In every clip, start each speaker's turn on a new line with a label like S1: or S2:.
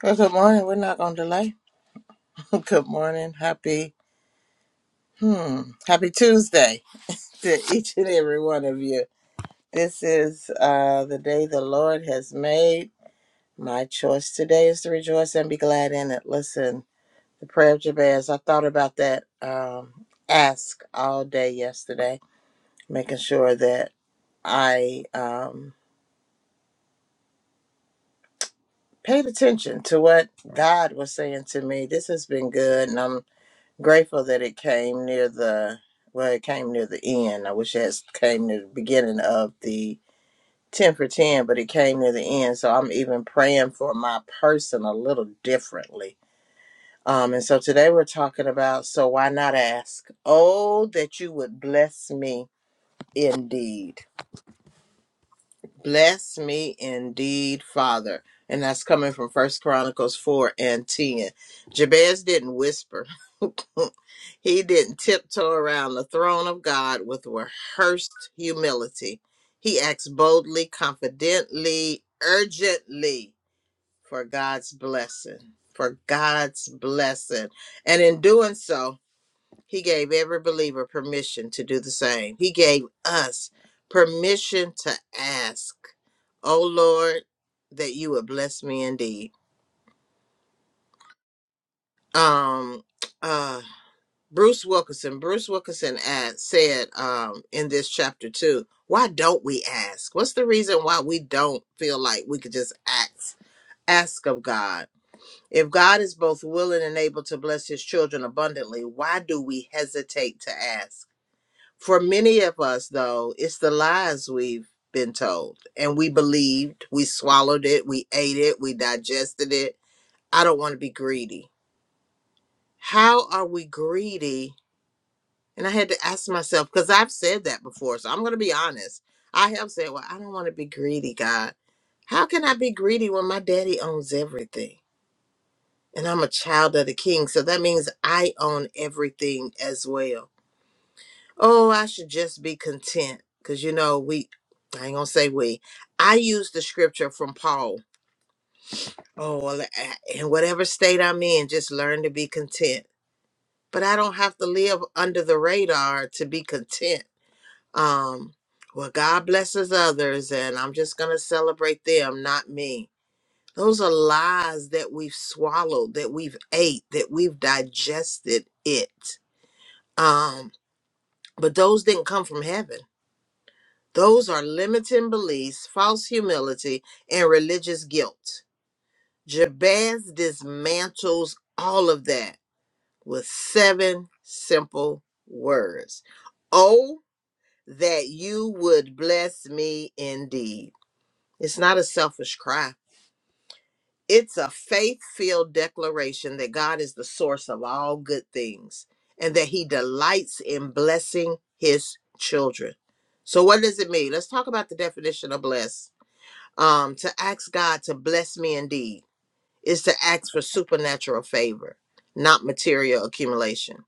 S1: Well, good morning. We're not going to delay. good morning. Happy, hmm, happy Tuesday to each and every one of you. This is uh, the day the Lord has made. My choice today is to rejoice and be glad in it. Listen, the prayer of Jabez, I thought about that um, ask all day yesterday, making sure that I um, paid attention to what God was saying to me. This has been good, and I'm Grateful that it came near the well, it came near the end. I wish it has came near the beginning of the ten for ten, but it came near the end. So I'm even praying for my person a little differently. Um, and so today we're talking about so why not ask? Oh, that you would bless me indeed. Bless me indeed, Father. And that's coming from First Chronicles four and ten. Jabez didn't whisper. He didn't tiptoe around the throne of God with rehearsed humility. He asked boldly, confidently, urgently for God's blessing, for God's blessing. And in doing so, he gave every believer permission to do the same. He gave us permission to ask, Oh Lord, that you would bless me indeed. Um, uh, Bruce Wilkinson. Bruce Wilkinson asked, said um, in this chapter too, why don't we ask? What's the reason why we don't feel like we could just ask ask of God? If God is both willing and able to bless his children abundantly, why do we hesitate to ask? For many of us though, it's the lies we've been told and we believed, we swallowed it, we ate it, we digested it. I don't want to be greedy. How are we greedy And I had to ask myself, because I've said that before. So I'm going to be honest. I have said, well, I don't want to be greedy, God. How can I be greedy when my daddy owns everything? And I'm a child of the king. So that means I own everything as well. Oh, I should just be content. Because, you know, we, I ain't going to say we, I use the scripture from Paul. Oh, well, a- in whatever state I'm in, just learn to be content. But I don't have to live under the radar to be content. Um, well, God blesses others, and I'm just going to celebrate them, not me. Those are lies that we've swallowed, that we've ate, that we've digested it. Um, but those didn't come from heaven. Those are limiting beliefs, false humility, and religious guilt. Jabez dismantles all of that with seven simple words. Oh, that you would bless me indeed. It's not a selfish cry. It's a faith filled declaration that God is the source of all good things and that He delights in blessing His children. So, what does it mean? Let's talk about the definition of bless. Um, to ask God to bless me indeed is to ask for supernatural favor, not material accumulation.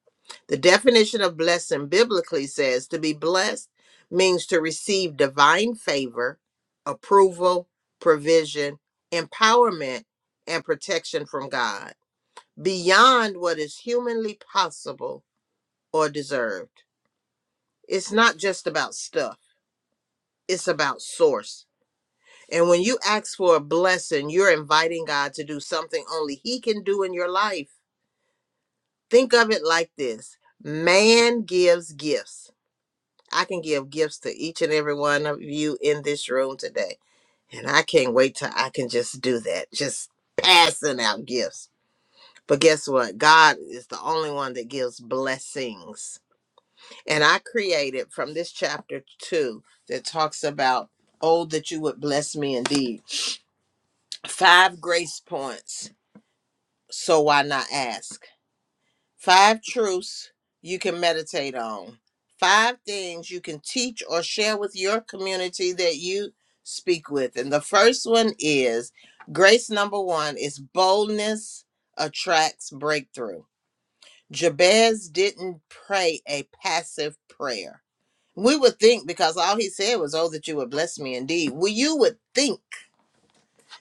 S1: The definition of blessing biblically says to be blessed means to receive divine favor, approval, provision, empowerment, and protection from God beyond what is humanly possible or deserved. It's not just about stuff, it's about source. And when you ask for a blessing, you're inviting God to do something only He can do in your life Think of it like this man gives gifts. I can give gifts to each and every one of you in this room today. And I can't wait till I can just do that, just passing out gifts. But guess what? God is the only one that gives blessings. And I created from this chapter two that talks about, oh, that you would bless me indeed. Five grace points. So why not ask? Five truths you can meditate on. Five things you can teach or share with your community that you speak with. And the first one is grace number one is boldness attracts breakthrough. Jabez didn't pray a passive prayer. We would think because all he said was, Oh, that you would bless me indeed. Well, you would think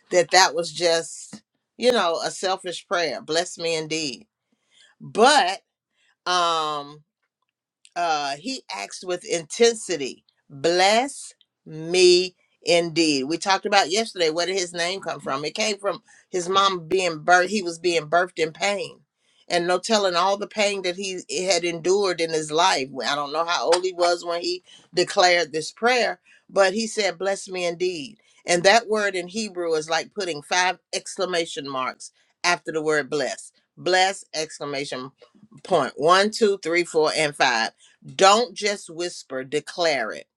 S1: that that was just, you know, a selfish prayer, bless me indeed. But, um, uh, he acts with intensity, bless me indeed. We talked about yesterday, where did his name come from? It came from his mom being birthed, he was being birthed in pain. And no telling all the pain that he had endured in his life. Well, I don't know how old he was when he declared this prayer, but he said, Bless me indeed. And that word in Hebrew is like putting five exclamation marks after the word bless. Bless, exclamation point one, two, three, four, and five don't just whisper, declare it.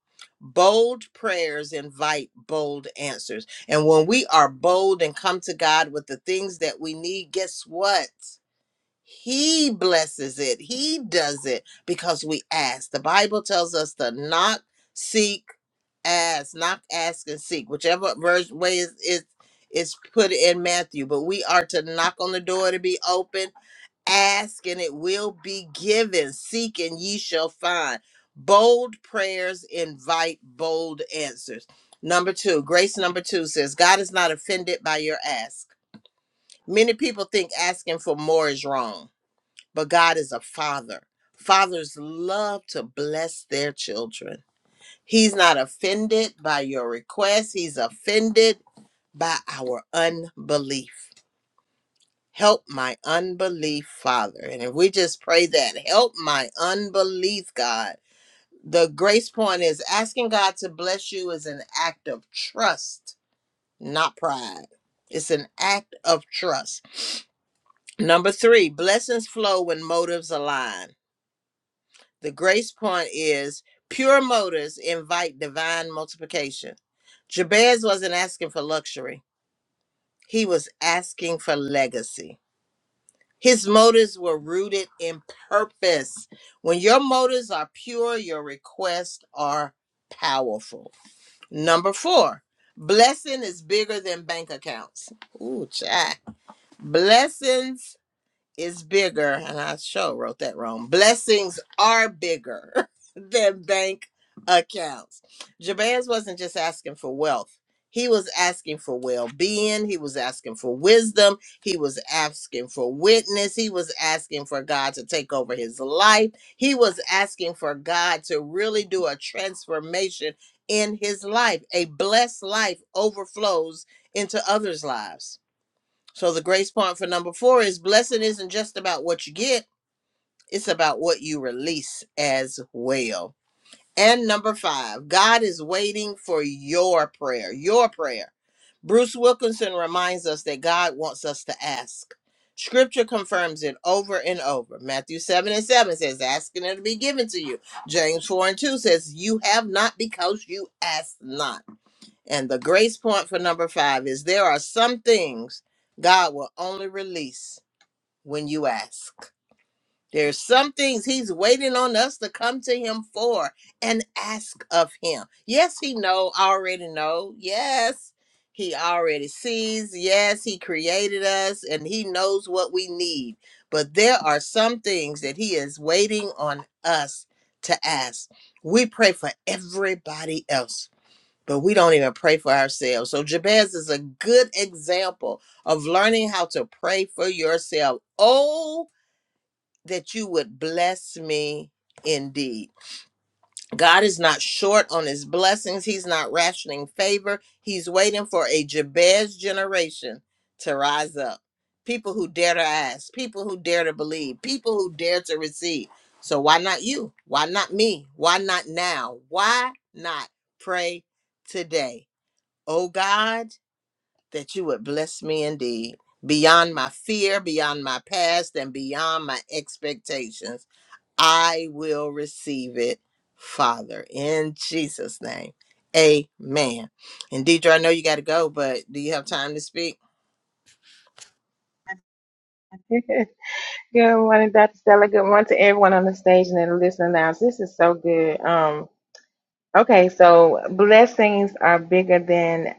S1: Bold prayers invite bold answers. And when we are bold and come to God with the things that we need, guess what? He blesses it. He does it because we ask. The Bible tells us to knock, seek, ask, knock, ask, and seek, whichever verse way is, is is put in Matthew. But we are to knock on the door to be open Ask and it will be given. Seek and ye shall find. Bold prayers invite bold answers. Number two, grace number two says, God is not offended by your ask. Many people think asking for more is wrong, but God is a father. Fathers love to bless their children. He's not offended by your request, He's offended by our unbelief. Help my unbelief, Father. And if we just pray that, help my unbelief, God. The grace point is asking God to bless you is an act of trust, not pride. It's an act of trust. Number three, blessings flow when motives align. The grace point is pure motives invite divine multiplication. Jabez wasn't asking for luxury, he was asking for legacy. His motives were rooted in purpose. When your motives are pure, your requests are powerful. Number four, blessing is bigger than bank accounts. Ooh, chat. Blessings is bigger, and I sure wrote that wrong. Blessings are bigger than bank accounts. Jabez wasn't just asking for wealth. He was asking for well being. He was asking for wisdom. He was asking for witness. He was asking for God to take over his life. He was asking for God to really do a transformation in his life. A blessed life overflows into others' lives. So the grace point for number four is blessing isn't just about what you get, it's about what you release as well. And number five, God is waiting for your prayer, your prayer. Bruce Wilkinson reminds us that God wants us to ask. Scripture confirms it over and over. Matthew 7 and 7 says, Ask and it'll be given to you. James 4 and 2 says, You have not because you ask not. And the grace point for number five is there are some things God will only release when you ask. There's some things he's waiting on us to come to him for and ask of him. Yes, he know, already know. Yes, he already sees. Yes, he created us and he knows what we need. But there are some things that he is waiting on us to ask. We pray for everybody else but we don't even pray for ourselves. So Jabez is a good example of learning how to pray for yourself. Oh, that you would bless me indeed. God is not short on his blessings. He's not rationing favor. He's waiting for a Jabez generation to rise up. People who dare to ask, people who dare to believe, people who dare to receive. So why not you? Why not me? Why not now? Why not pray today? O God, that you would bless me indeed, beyond my fear, beyond my past, and beyond my expectations. I will receive it, Father, in Jesus' name. Amen. And Deidre, I know you got to go, but do you have time to speak?
S2: Good morning, Dr. Stella. Good morning to everyone on the stage and in the listening lounge. This is so good. Um, okay, so blessings are bigger than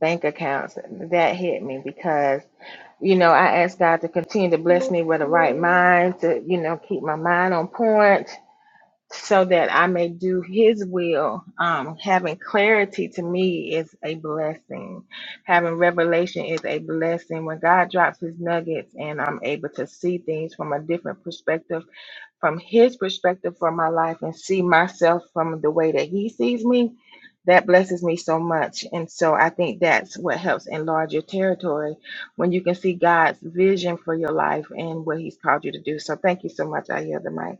S2: bank accounts. That hit me because you know I asked God to continue to bless me with the right mind to you know keep my mind on point so that I may do His will. Um, having clarity to me is a blessing. Having revelation is a blessing. When God drops His nuggets and I'm able to see things from a different perspective, from His perspective for my life, and see myself from the way that He sees me, that blesses me so much. And so I think that's what helps enlarge your territory when you can see God's vision for your life and what He's called you to do. So thank you so much. I hear the mic.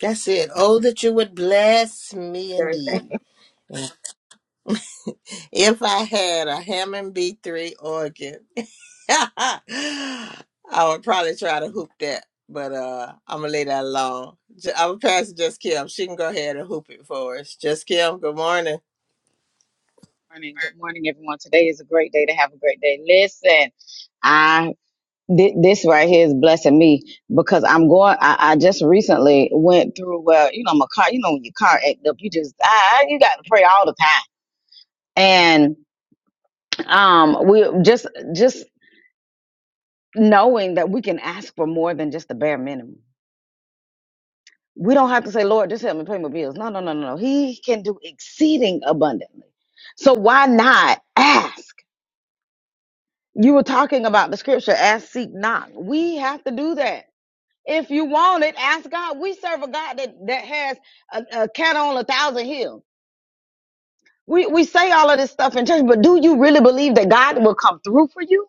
S1: That's it. Oh, that you would bless me
S2: Thursday.
S1: indeed. If I had a Hammond B3 organ. I would probably try to hoop that, but uh, I'm gonna lay that alone. J- I'm gonna pass it just Kim. She can go ahead and hoop it for us. Just Kim. Good morning.
S3: morning. Good morning, everyone. Today is a great day to have a great day. Listen, I thi- this right here is blessing me because I'm going. I, I just recently went through. Well, you know, my car. You know, when your car act up, you just ah, you got to pray all the time. And um, we just just knowing that we can ask for more than just the bare minimum. We don't have to say, Lord, just help me pay my bills. No, no, no, no, no. He can do exceeding abundantly. So why not ask? You were talking about the scripture, ask, seek, knock. We have to do that. If you want it, ask God. We serve a God that, that has a, a cat on a thousand hills. We, we say all of this stuff in church, but do you really believe that God will come through for you?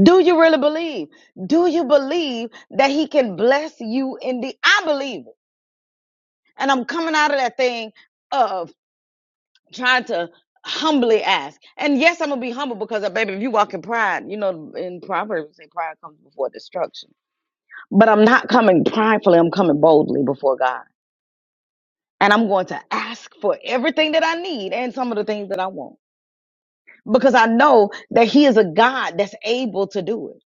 S3: Do you really believe? Do you believe that he can bless you In the I believe it. And I'm coming out of that thing of trying to humbly ask. And yes, I'm gonna be humble because uh, baby, if you walk in pride, you know in Proverbs they say pride comes before destruction But I'm not coming pridefully, I'm coming boldly before God. And I'm going to ask for everything that I need and some of the things that I want because I know that He is a God that's able to do it.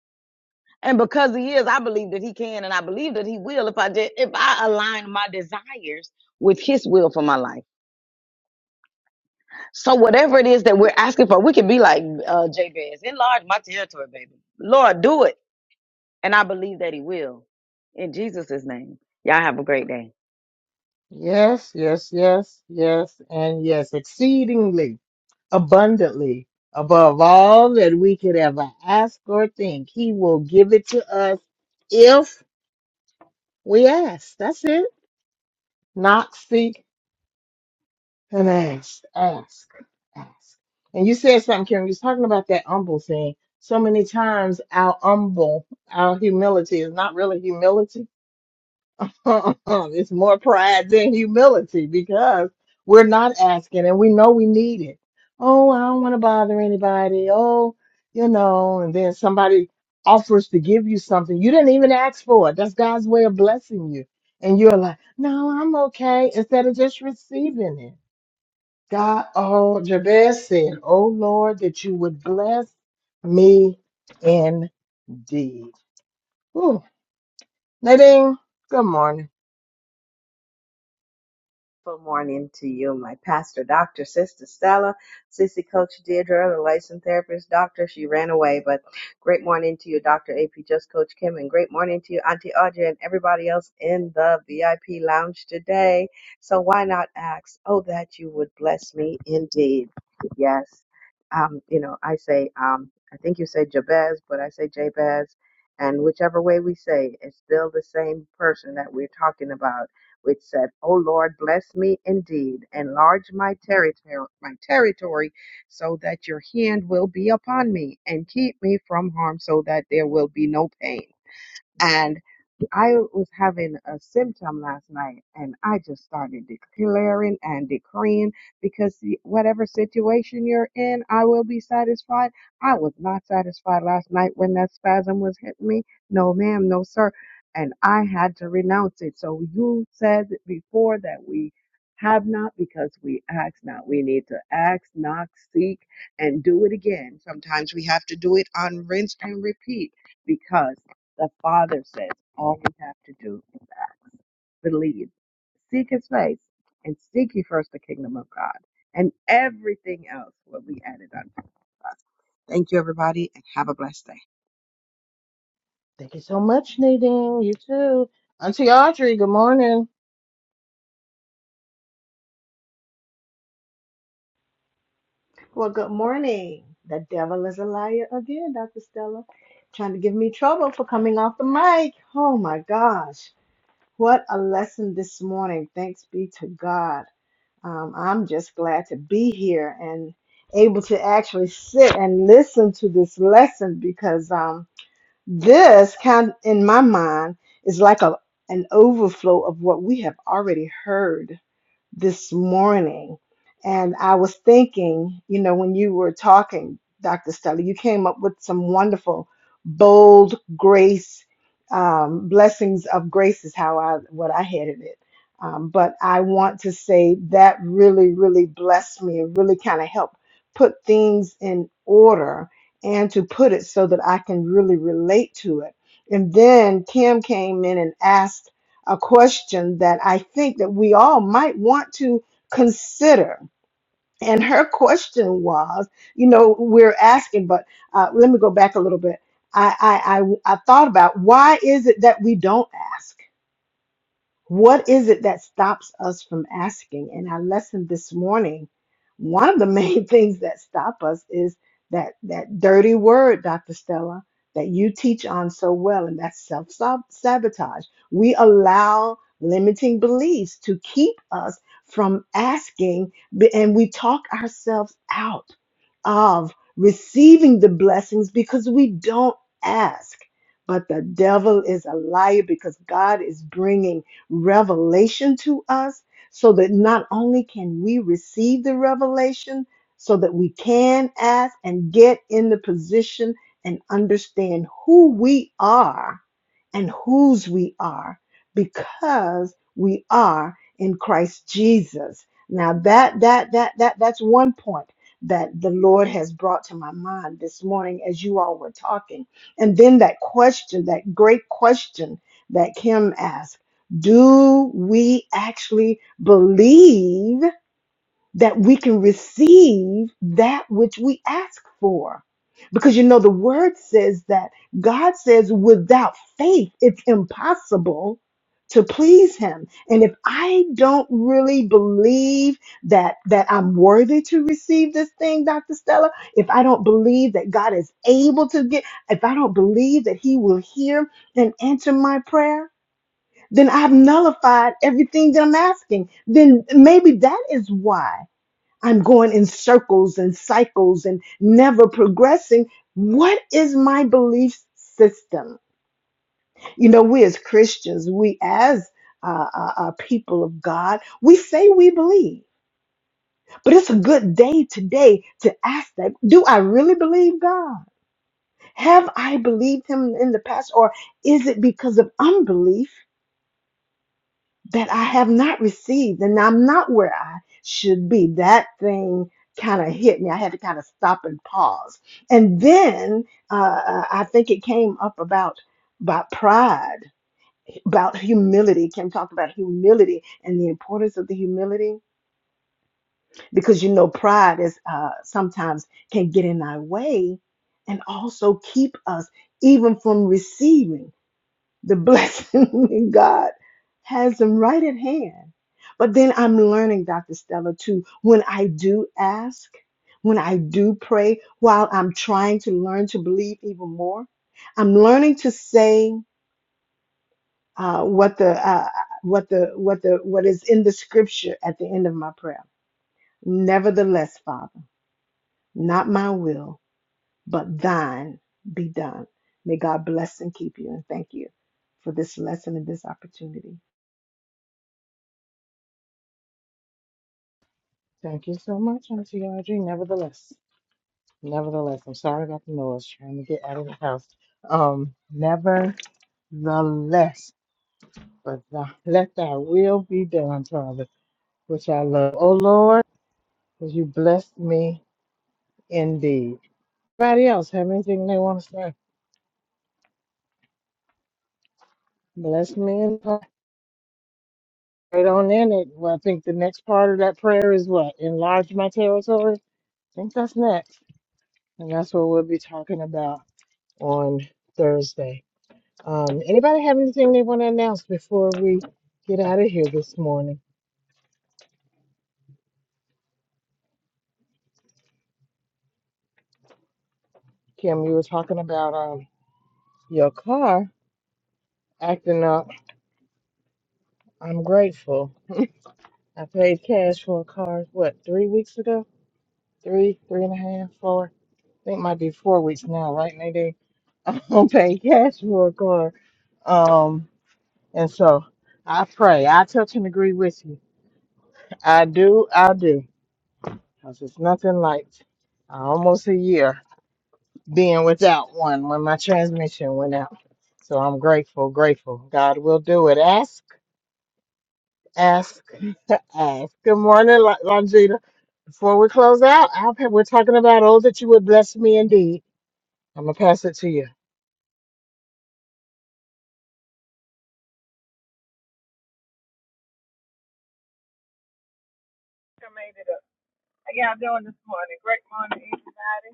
S3: And because He is, I believe that He can and I believe that He will if I did, if I align my desires with His will for my life. So whatever it is that we're asking for, we can be like uh, Jabez, enlarge my territory, baby. Lord, do it. And I believe that He will. In Jesus' name. Y'all have a great day.
S1: Yes, yes, yes, yes, and yes, exceedingly abundantly above all that we could ever ask or think. He will give it to us if we ask. That's it. Knock, seek, And ask, ask, ask. And you said something, Karen. You was talking about that humble thing. So many times our humble, our humility is not really humility. it's more pride than humility because we're not asking and we know we need it. Oh, I don't want to bother anybody. Oh, you know, and then somebody offers to give you something. You didn't even ask for it. That's God's way of blessing you. And you're like, no, I'm okay. Instead of just receiving it. God, oh, Jabez said, Oh Lord, that you would bless me indeed. Ooh, Nadine, good morning.
S4: Wonderful morning to you, my pastor, Dr. Sister Stella, Sissy Coach Deirdre, the licensed therapist, doctor. She ran away, but great morning to you, Dr. AP, just Coach Kim, and great morning to you, Auntie Audrey, and everybody else in the VIP lounge today. So why not ask, oh, that you would bless me indeed? Yes. Um, you know, I say, um, I think you say Jabez, but I say Jabez. And whichever way we say, it's still the same person that we're talking about which said, O Lord, bless me indeed, enlarge my territory, my territory, so that your hand will be upon me, and keep me from harm, so that there will be no pain. And I was having a symptom last night and I just started declaring and decreeing because the- whatever situation you're in, I will be satisfied. I was not satisfied last night when that spasm was hitting me. No, ma'am, no, sir. And I had to renounce it. So you said before that we have not because we ask not. We need to ask, knock, seek, and do it again. Sometimes we have to do it on rinse and repeat because. The Father says all we have to do is ask, believe, seek His face, and seek ye first the kingdom of God, and everything else will be added unto us. Thank you, everybody, and have a blessed day.
S1: Thank you so much, Nadine. You too. Auntie Audrey, good morning.
S5: Well, good morning. The devil is a liar again, Dr. Stella. Trying to give me trouble for coming off the mic. Oh my gosh. What a lesson this morning. Thanks be to God. Um, I'm just glad to be here and able to actually sit and listen to this lesson because um, this kind in my mind is like a an overflow of what we have already heard this morning. And I was thinking, you know, when you were talking, Dr. Stella, you came up with some wonderful, bold grace, um, blessings of grace is how I, what I headed it. Um, but I want to say that really, really blessed me and really kind of helped put things in order and to put it so that I can really relate to it. And then Kim came in and asked a question that I think that we all might want to consider. And her question was, you know, we're asking, but uh, let me go back a little bit. I, I, I, I thought about why is it that we don't ask? What is it that stops us from asking? In our lesson this morning, one of the main things that stop us is that that dirty word, Dr. Stella, that you teach on so well, and that's self sabotage. We allow limiting beliefs to keep us from asking, b- and we talk ourselves out of receiving the blessings because we don't ask. But the devil is a liar because God is bringing revelation to us so that not only can we receive the revelation, so that we can ask and get in the position and understand who we are and whose we are because we are in Christ Jesus. Now that that that that that's one point that the Lord has brought to my mind this morning as you all were talking. And then that question, that great question that Kim asked do we actually believe that we can receive that which we ask for? Because you know, the word says that God says, without faith, it's impossible to please him. And if I don't really believe that that I'm worthy to receive this thing, Dr. Stella, if I don't believe that God is able to get, if I don't believe that he will hear and answer my prayer, then I've nullified everything that I'm asking. Then maybe that is why I'm going in circles and cycles and never progressing. What is my belief system? You know, we as Christians, we as uh, uh, uh, people of God, we say we believe. But it's a good day today to ask that Do I really believe God? Have I believed Him in the past, or is it because of unbelief that I have not received, and I'm not where I should be. That thing kind of hit me. I had to kind of stop and pause. And then uh, uh, I think it came up about about pride, about humility. Kim talked about humility and the importance of the humility because you know pride is uh, sometimes can get in our way and also keep us even from receiving the blessing in God has them right at hand. But then I'm learning, Dr. Stella, too, when I do ask, when I do pray, while I'm trying to learn to believe even more, I'm learning to say uh, what the uh, uh, what the what the what is in the scripture at the end of my prayer. Nevertheless, Father, not my will, but thine be done. May God bless and keep you, and thank you for this lesson and this opportunity.
S1: Thank you so much, Auntie Audrey. Nevertheless, nevertheless, I'm sorry about the noise trying to get out of the house. Um, nevertheless, but thy- let thy will be done, Father, which I love. Oh Lord, because you bless me indeed. Anybody else have anything they want to say? Bless me and pray. right on in it. Well, I think the next part of that prayer is what? Enlarge my territory. I think that's next, and that's what we'll be talking about on Thursday. Um, anybody have anything they want to announce before we get out of here this morning? Kim, you were talking about um your car acting up. I'm grateful. I paid cash for a car. What three weeks ago? Three, three and a half, four. I think it might be four weeks now, right, Nadine? I don't pay cash for a car. Um, and so I pray. I touch and agree with you. I do. I do. Because it's nothing like uh, almost a year being without one when my transmission went out. So I'm grateful, grateful. God will do it. Ask, ask, ask. Good morning, Lon- Longita. Before we close out, I've, we're talking about, oh, that you would bless me indeed. I'm going to pass it to you.
S6: I made it up. How y'all doing this morning? Great morning, everybody.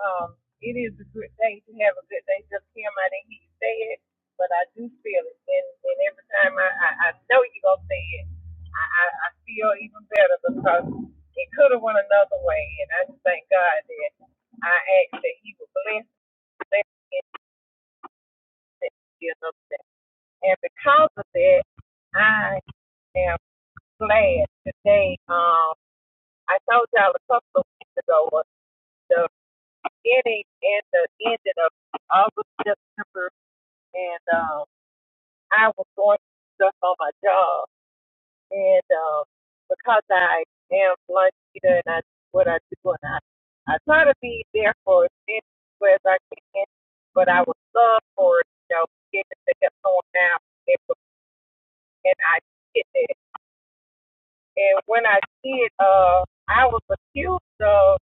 S6: Um, it is a good day to have a good day. Just Kim, I didn't hear you say it, but I do feel it. And, and every time I, I, I know you're going to say it, I, I, I feel even better because it could have went another way. And I just thank God that I asked that He would bless, bless me and that He would another day. And because of that, I am glad today. Um, I told y'all a couple of weeks ago the. beginning and the ending of August, September, and um, I was going through stuff on my job, and um, because I am lunch eater and I do what I do, and I I try to be there for as many people as I can, but I was sub for it, you know, getting to help someone out, and, and I did that. And when I did, uh, I was accused of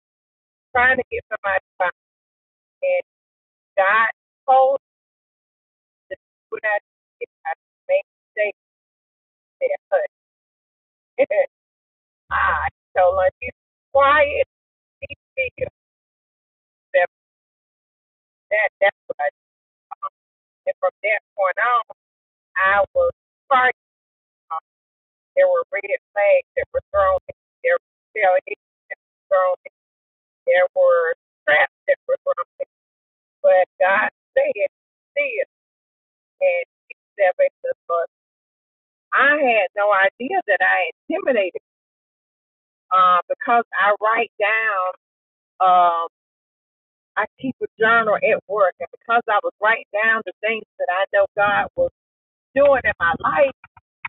S6: trying to get somebody fired, and God told We're not here. I make mistakes, mistake there, honey. I told her, you quiet, teach me yourself. That, that's what I did. And from that point on, I was fighting. There were red flags that were thrown. There were felonies thrown. There were traps that were thrown. But God said, see it. And he separated us. But I had no idea that I intimidated uh, because I write down Uh, I keep a journal at work, and because I was writing down the things that I know God was doing in my life,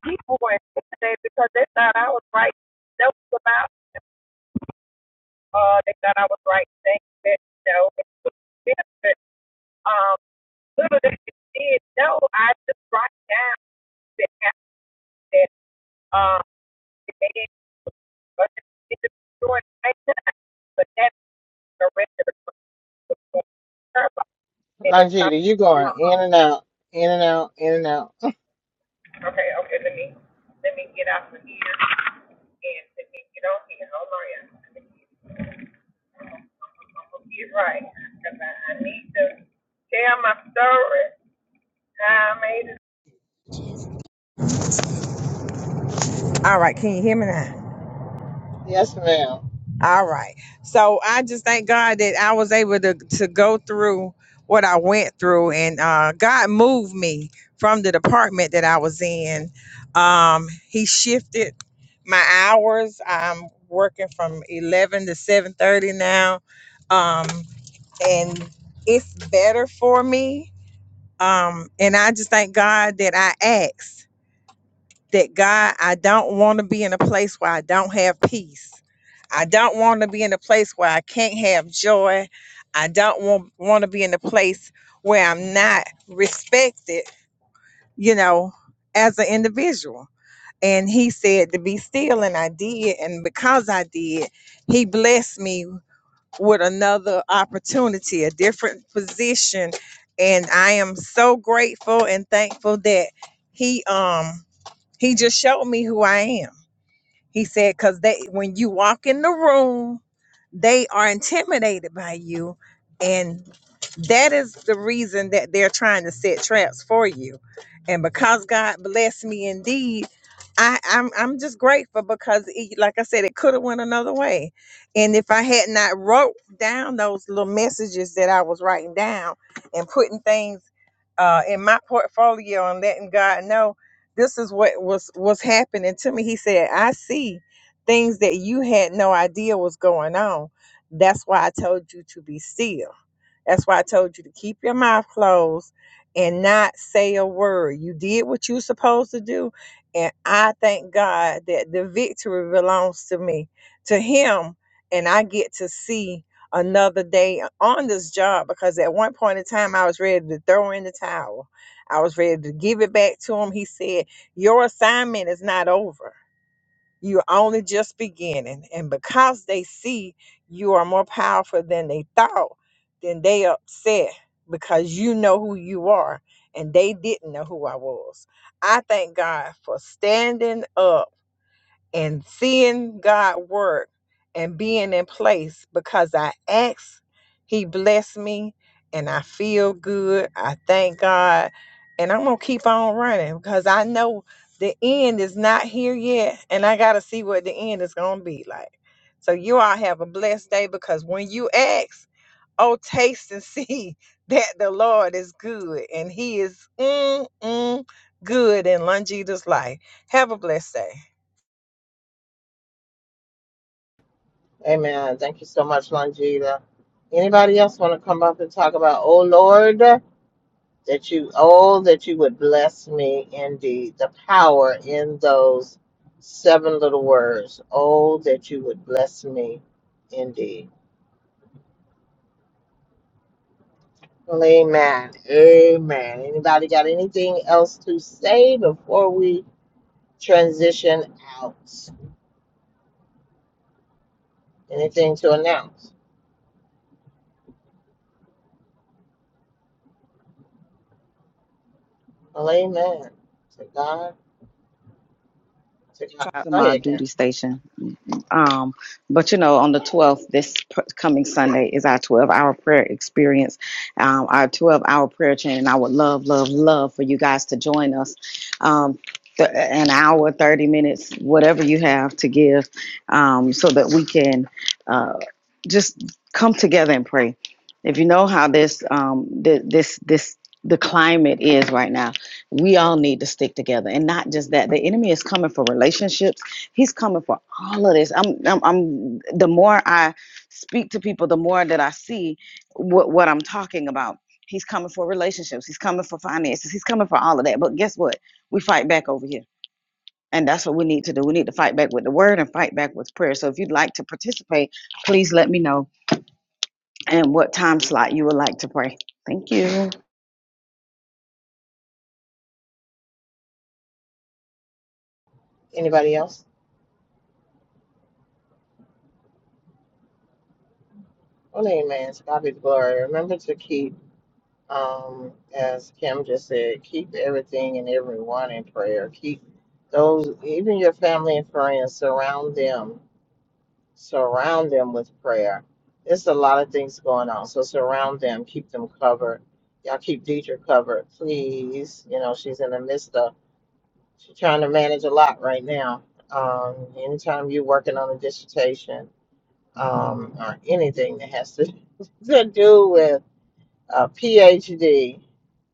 S6: people were intimidated because they thought I was writing notes about. Uh, they thought I was writing things that you know, but um, little they did know, I just write down that happened that um, it may it didn't destroy the nation, but that's the rest of the purpose. And if
S1: Longita, you going in
S6: something,
S1: and out, in and out, in and out.
S6: okay, okay, let me let me get out from here. And to me, get on here, hold on, yeah. I'm gonna get right, cause I, I need to tell my story, how I made it. All right, can you hear me now?
S1: Yes, ma'am.
S6: All right. So I just thank God that I was able to to go through what I went through, and uh, God moved me from the department that I was in. Um, he shifted my hours. I'm working from eleven to seven thirty now. Um, and it's better for me. Um, and I just thank God that I asked that God, I don't want to be in a place where I don't have peace. I don't want to be in a place where I can't have joy. I don't want want to be in a place where I'm not respected, you know, as an individual. And he said to be still, and I did. And because I did, he blessed me with another opportunity, a different position. And I am so grateful and thankful that he um he just showed me who I am. He said, because they when you walk in the room, they are intimidated by you. And that is the reason that they're trying to set traps for you. And because God blessed me indeed, I, I'm I'm just grateful because it, like I said, it could have went another way. And if I had not wrote down those little messages that I was writing down and putting things uh, in my portfolio and letting God know this is what was was happening to me he said i see things that you had no idea was going on that's why i told you to be still that's why i told you to keep your mouth closed and not say a word you did what you supposed to do and i thank god that the victory belongs to me to him and i get to see another day on this job because at one point in time i was ready to throw in the towel I was ready to give it back to him. He said, your assignment is not over. You're only just beginning. And because they see you are more powerful than they thought, then they upset because you know who you are and they didn't know who I was. I thank God for standing up and seeing God work and being in place because I asked, He blessed me, and I feel good. I thank God, and I'm gonna keep on running because I know the end is not here yet, and I gotta see what the end is gonna be like. So you all have a blessed day because when you ask, oh taste and see that the Lord is good and He is mm, mm, good in Longita's life. Have a blessed day.
S1: Amen. Thank you so much, Longita. Anybody else want to come up and talk about, oh Lord, that you, oh, that you would bless me indeed. The power in those seven little words. Oh, that you would bless me indeed. Well, amen. Amen. Anybody got anything else to say before we transition out? Anything to announce? Well, amen. To God, to God.
S3: Try to
S1: Go
S3: my
S1: ahead, Karen.
S3: duty station. platform. Um, but you know, on the 12th, this pr- coming Sunday is our 12 hour prayer experience, um, our 12 hour prayer chain. And I would love, love, love for you guys to join us. Um, th- an hour, 30 minutes, whatever you have to give, um, so that we can uh, just come together and pray. If you know how this, um, th- this, this, the climate is right now. We all need to stick together, and not just that. The enemy is coming for relationships He's coming for all of this. I'm, I'm, I'm. The more I speak to people, the more that I see what what I'm talking about. He's coming for relationships. He's coming for finances. He's coming for all of that. But guess what? We fight back over here, and that's what we need to do. We need to fight back with the word and fight back with prayer. So if you'd like to participate, please let me know and what time slot you would like to pray. Thank you.
S1: Anybody else? Well, amen. To God be the glory. Remember to keep, um, as Kim just said, keep everything and everyone in prayer. Keep those, even your family and friends, surround them. Surround them with prayer. There's a lot of things going on, so surround them. Keep them covered. Y'all keep Deidre covered, please. You know she's in the midst of. She's trying to manage a lot right now. Um, anytime you're working on a dissertation um, or anything that has to, to do with a PhD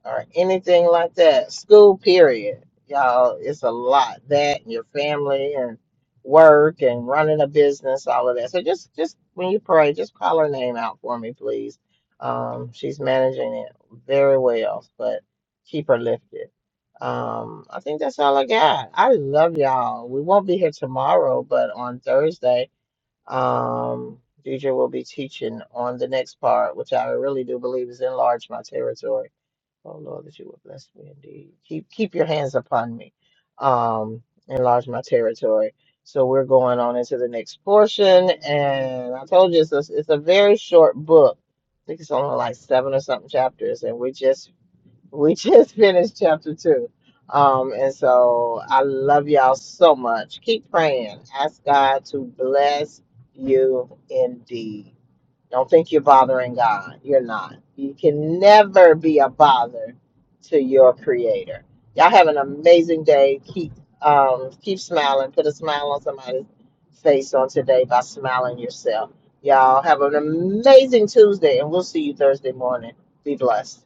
S1: or anything like that. School period, y'all, it's a lot. That and your family and work and running a business, all of that. So just just when you pray, just call her name out for me, please. Um, she's managing it very well, but keep her lifted. Um, I think that's all I got. I love y'all. We won't be here tomorrow, but on Thursday. Um, DJ will be teaching on the next part, which I really do believe is enlarge my territory. Oh Lord, that you would bless me indeed. Keep keep your hands upon me. Um, enlarge my territory. So we're going on into the next portion, and I told you it's a, it's a very short book. I think it's only like seven or something chapters, and we're just we just finished chapter two. Um, and so I love y'all so much. Keep praying. Ask God to bless you indeed. Don't think you're bothering God. You're not. You can never be a bother to your creator. Y'all have an amazing day. Keep um keep smiling. Put a smile on somebody's face on today by smiling yourself. Y'all have an amazing Tuesday and we'll see you Thursday morning. Be blessed.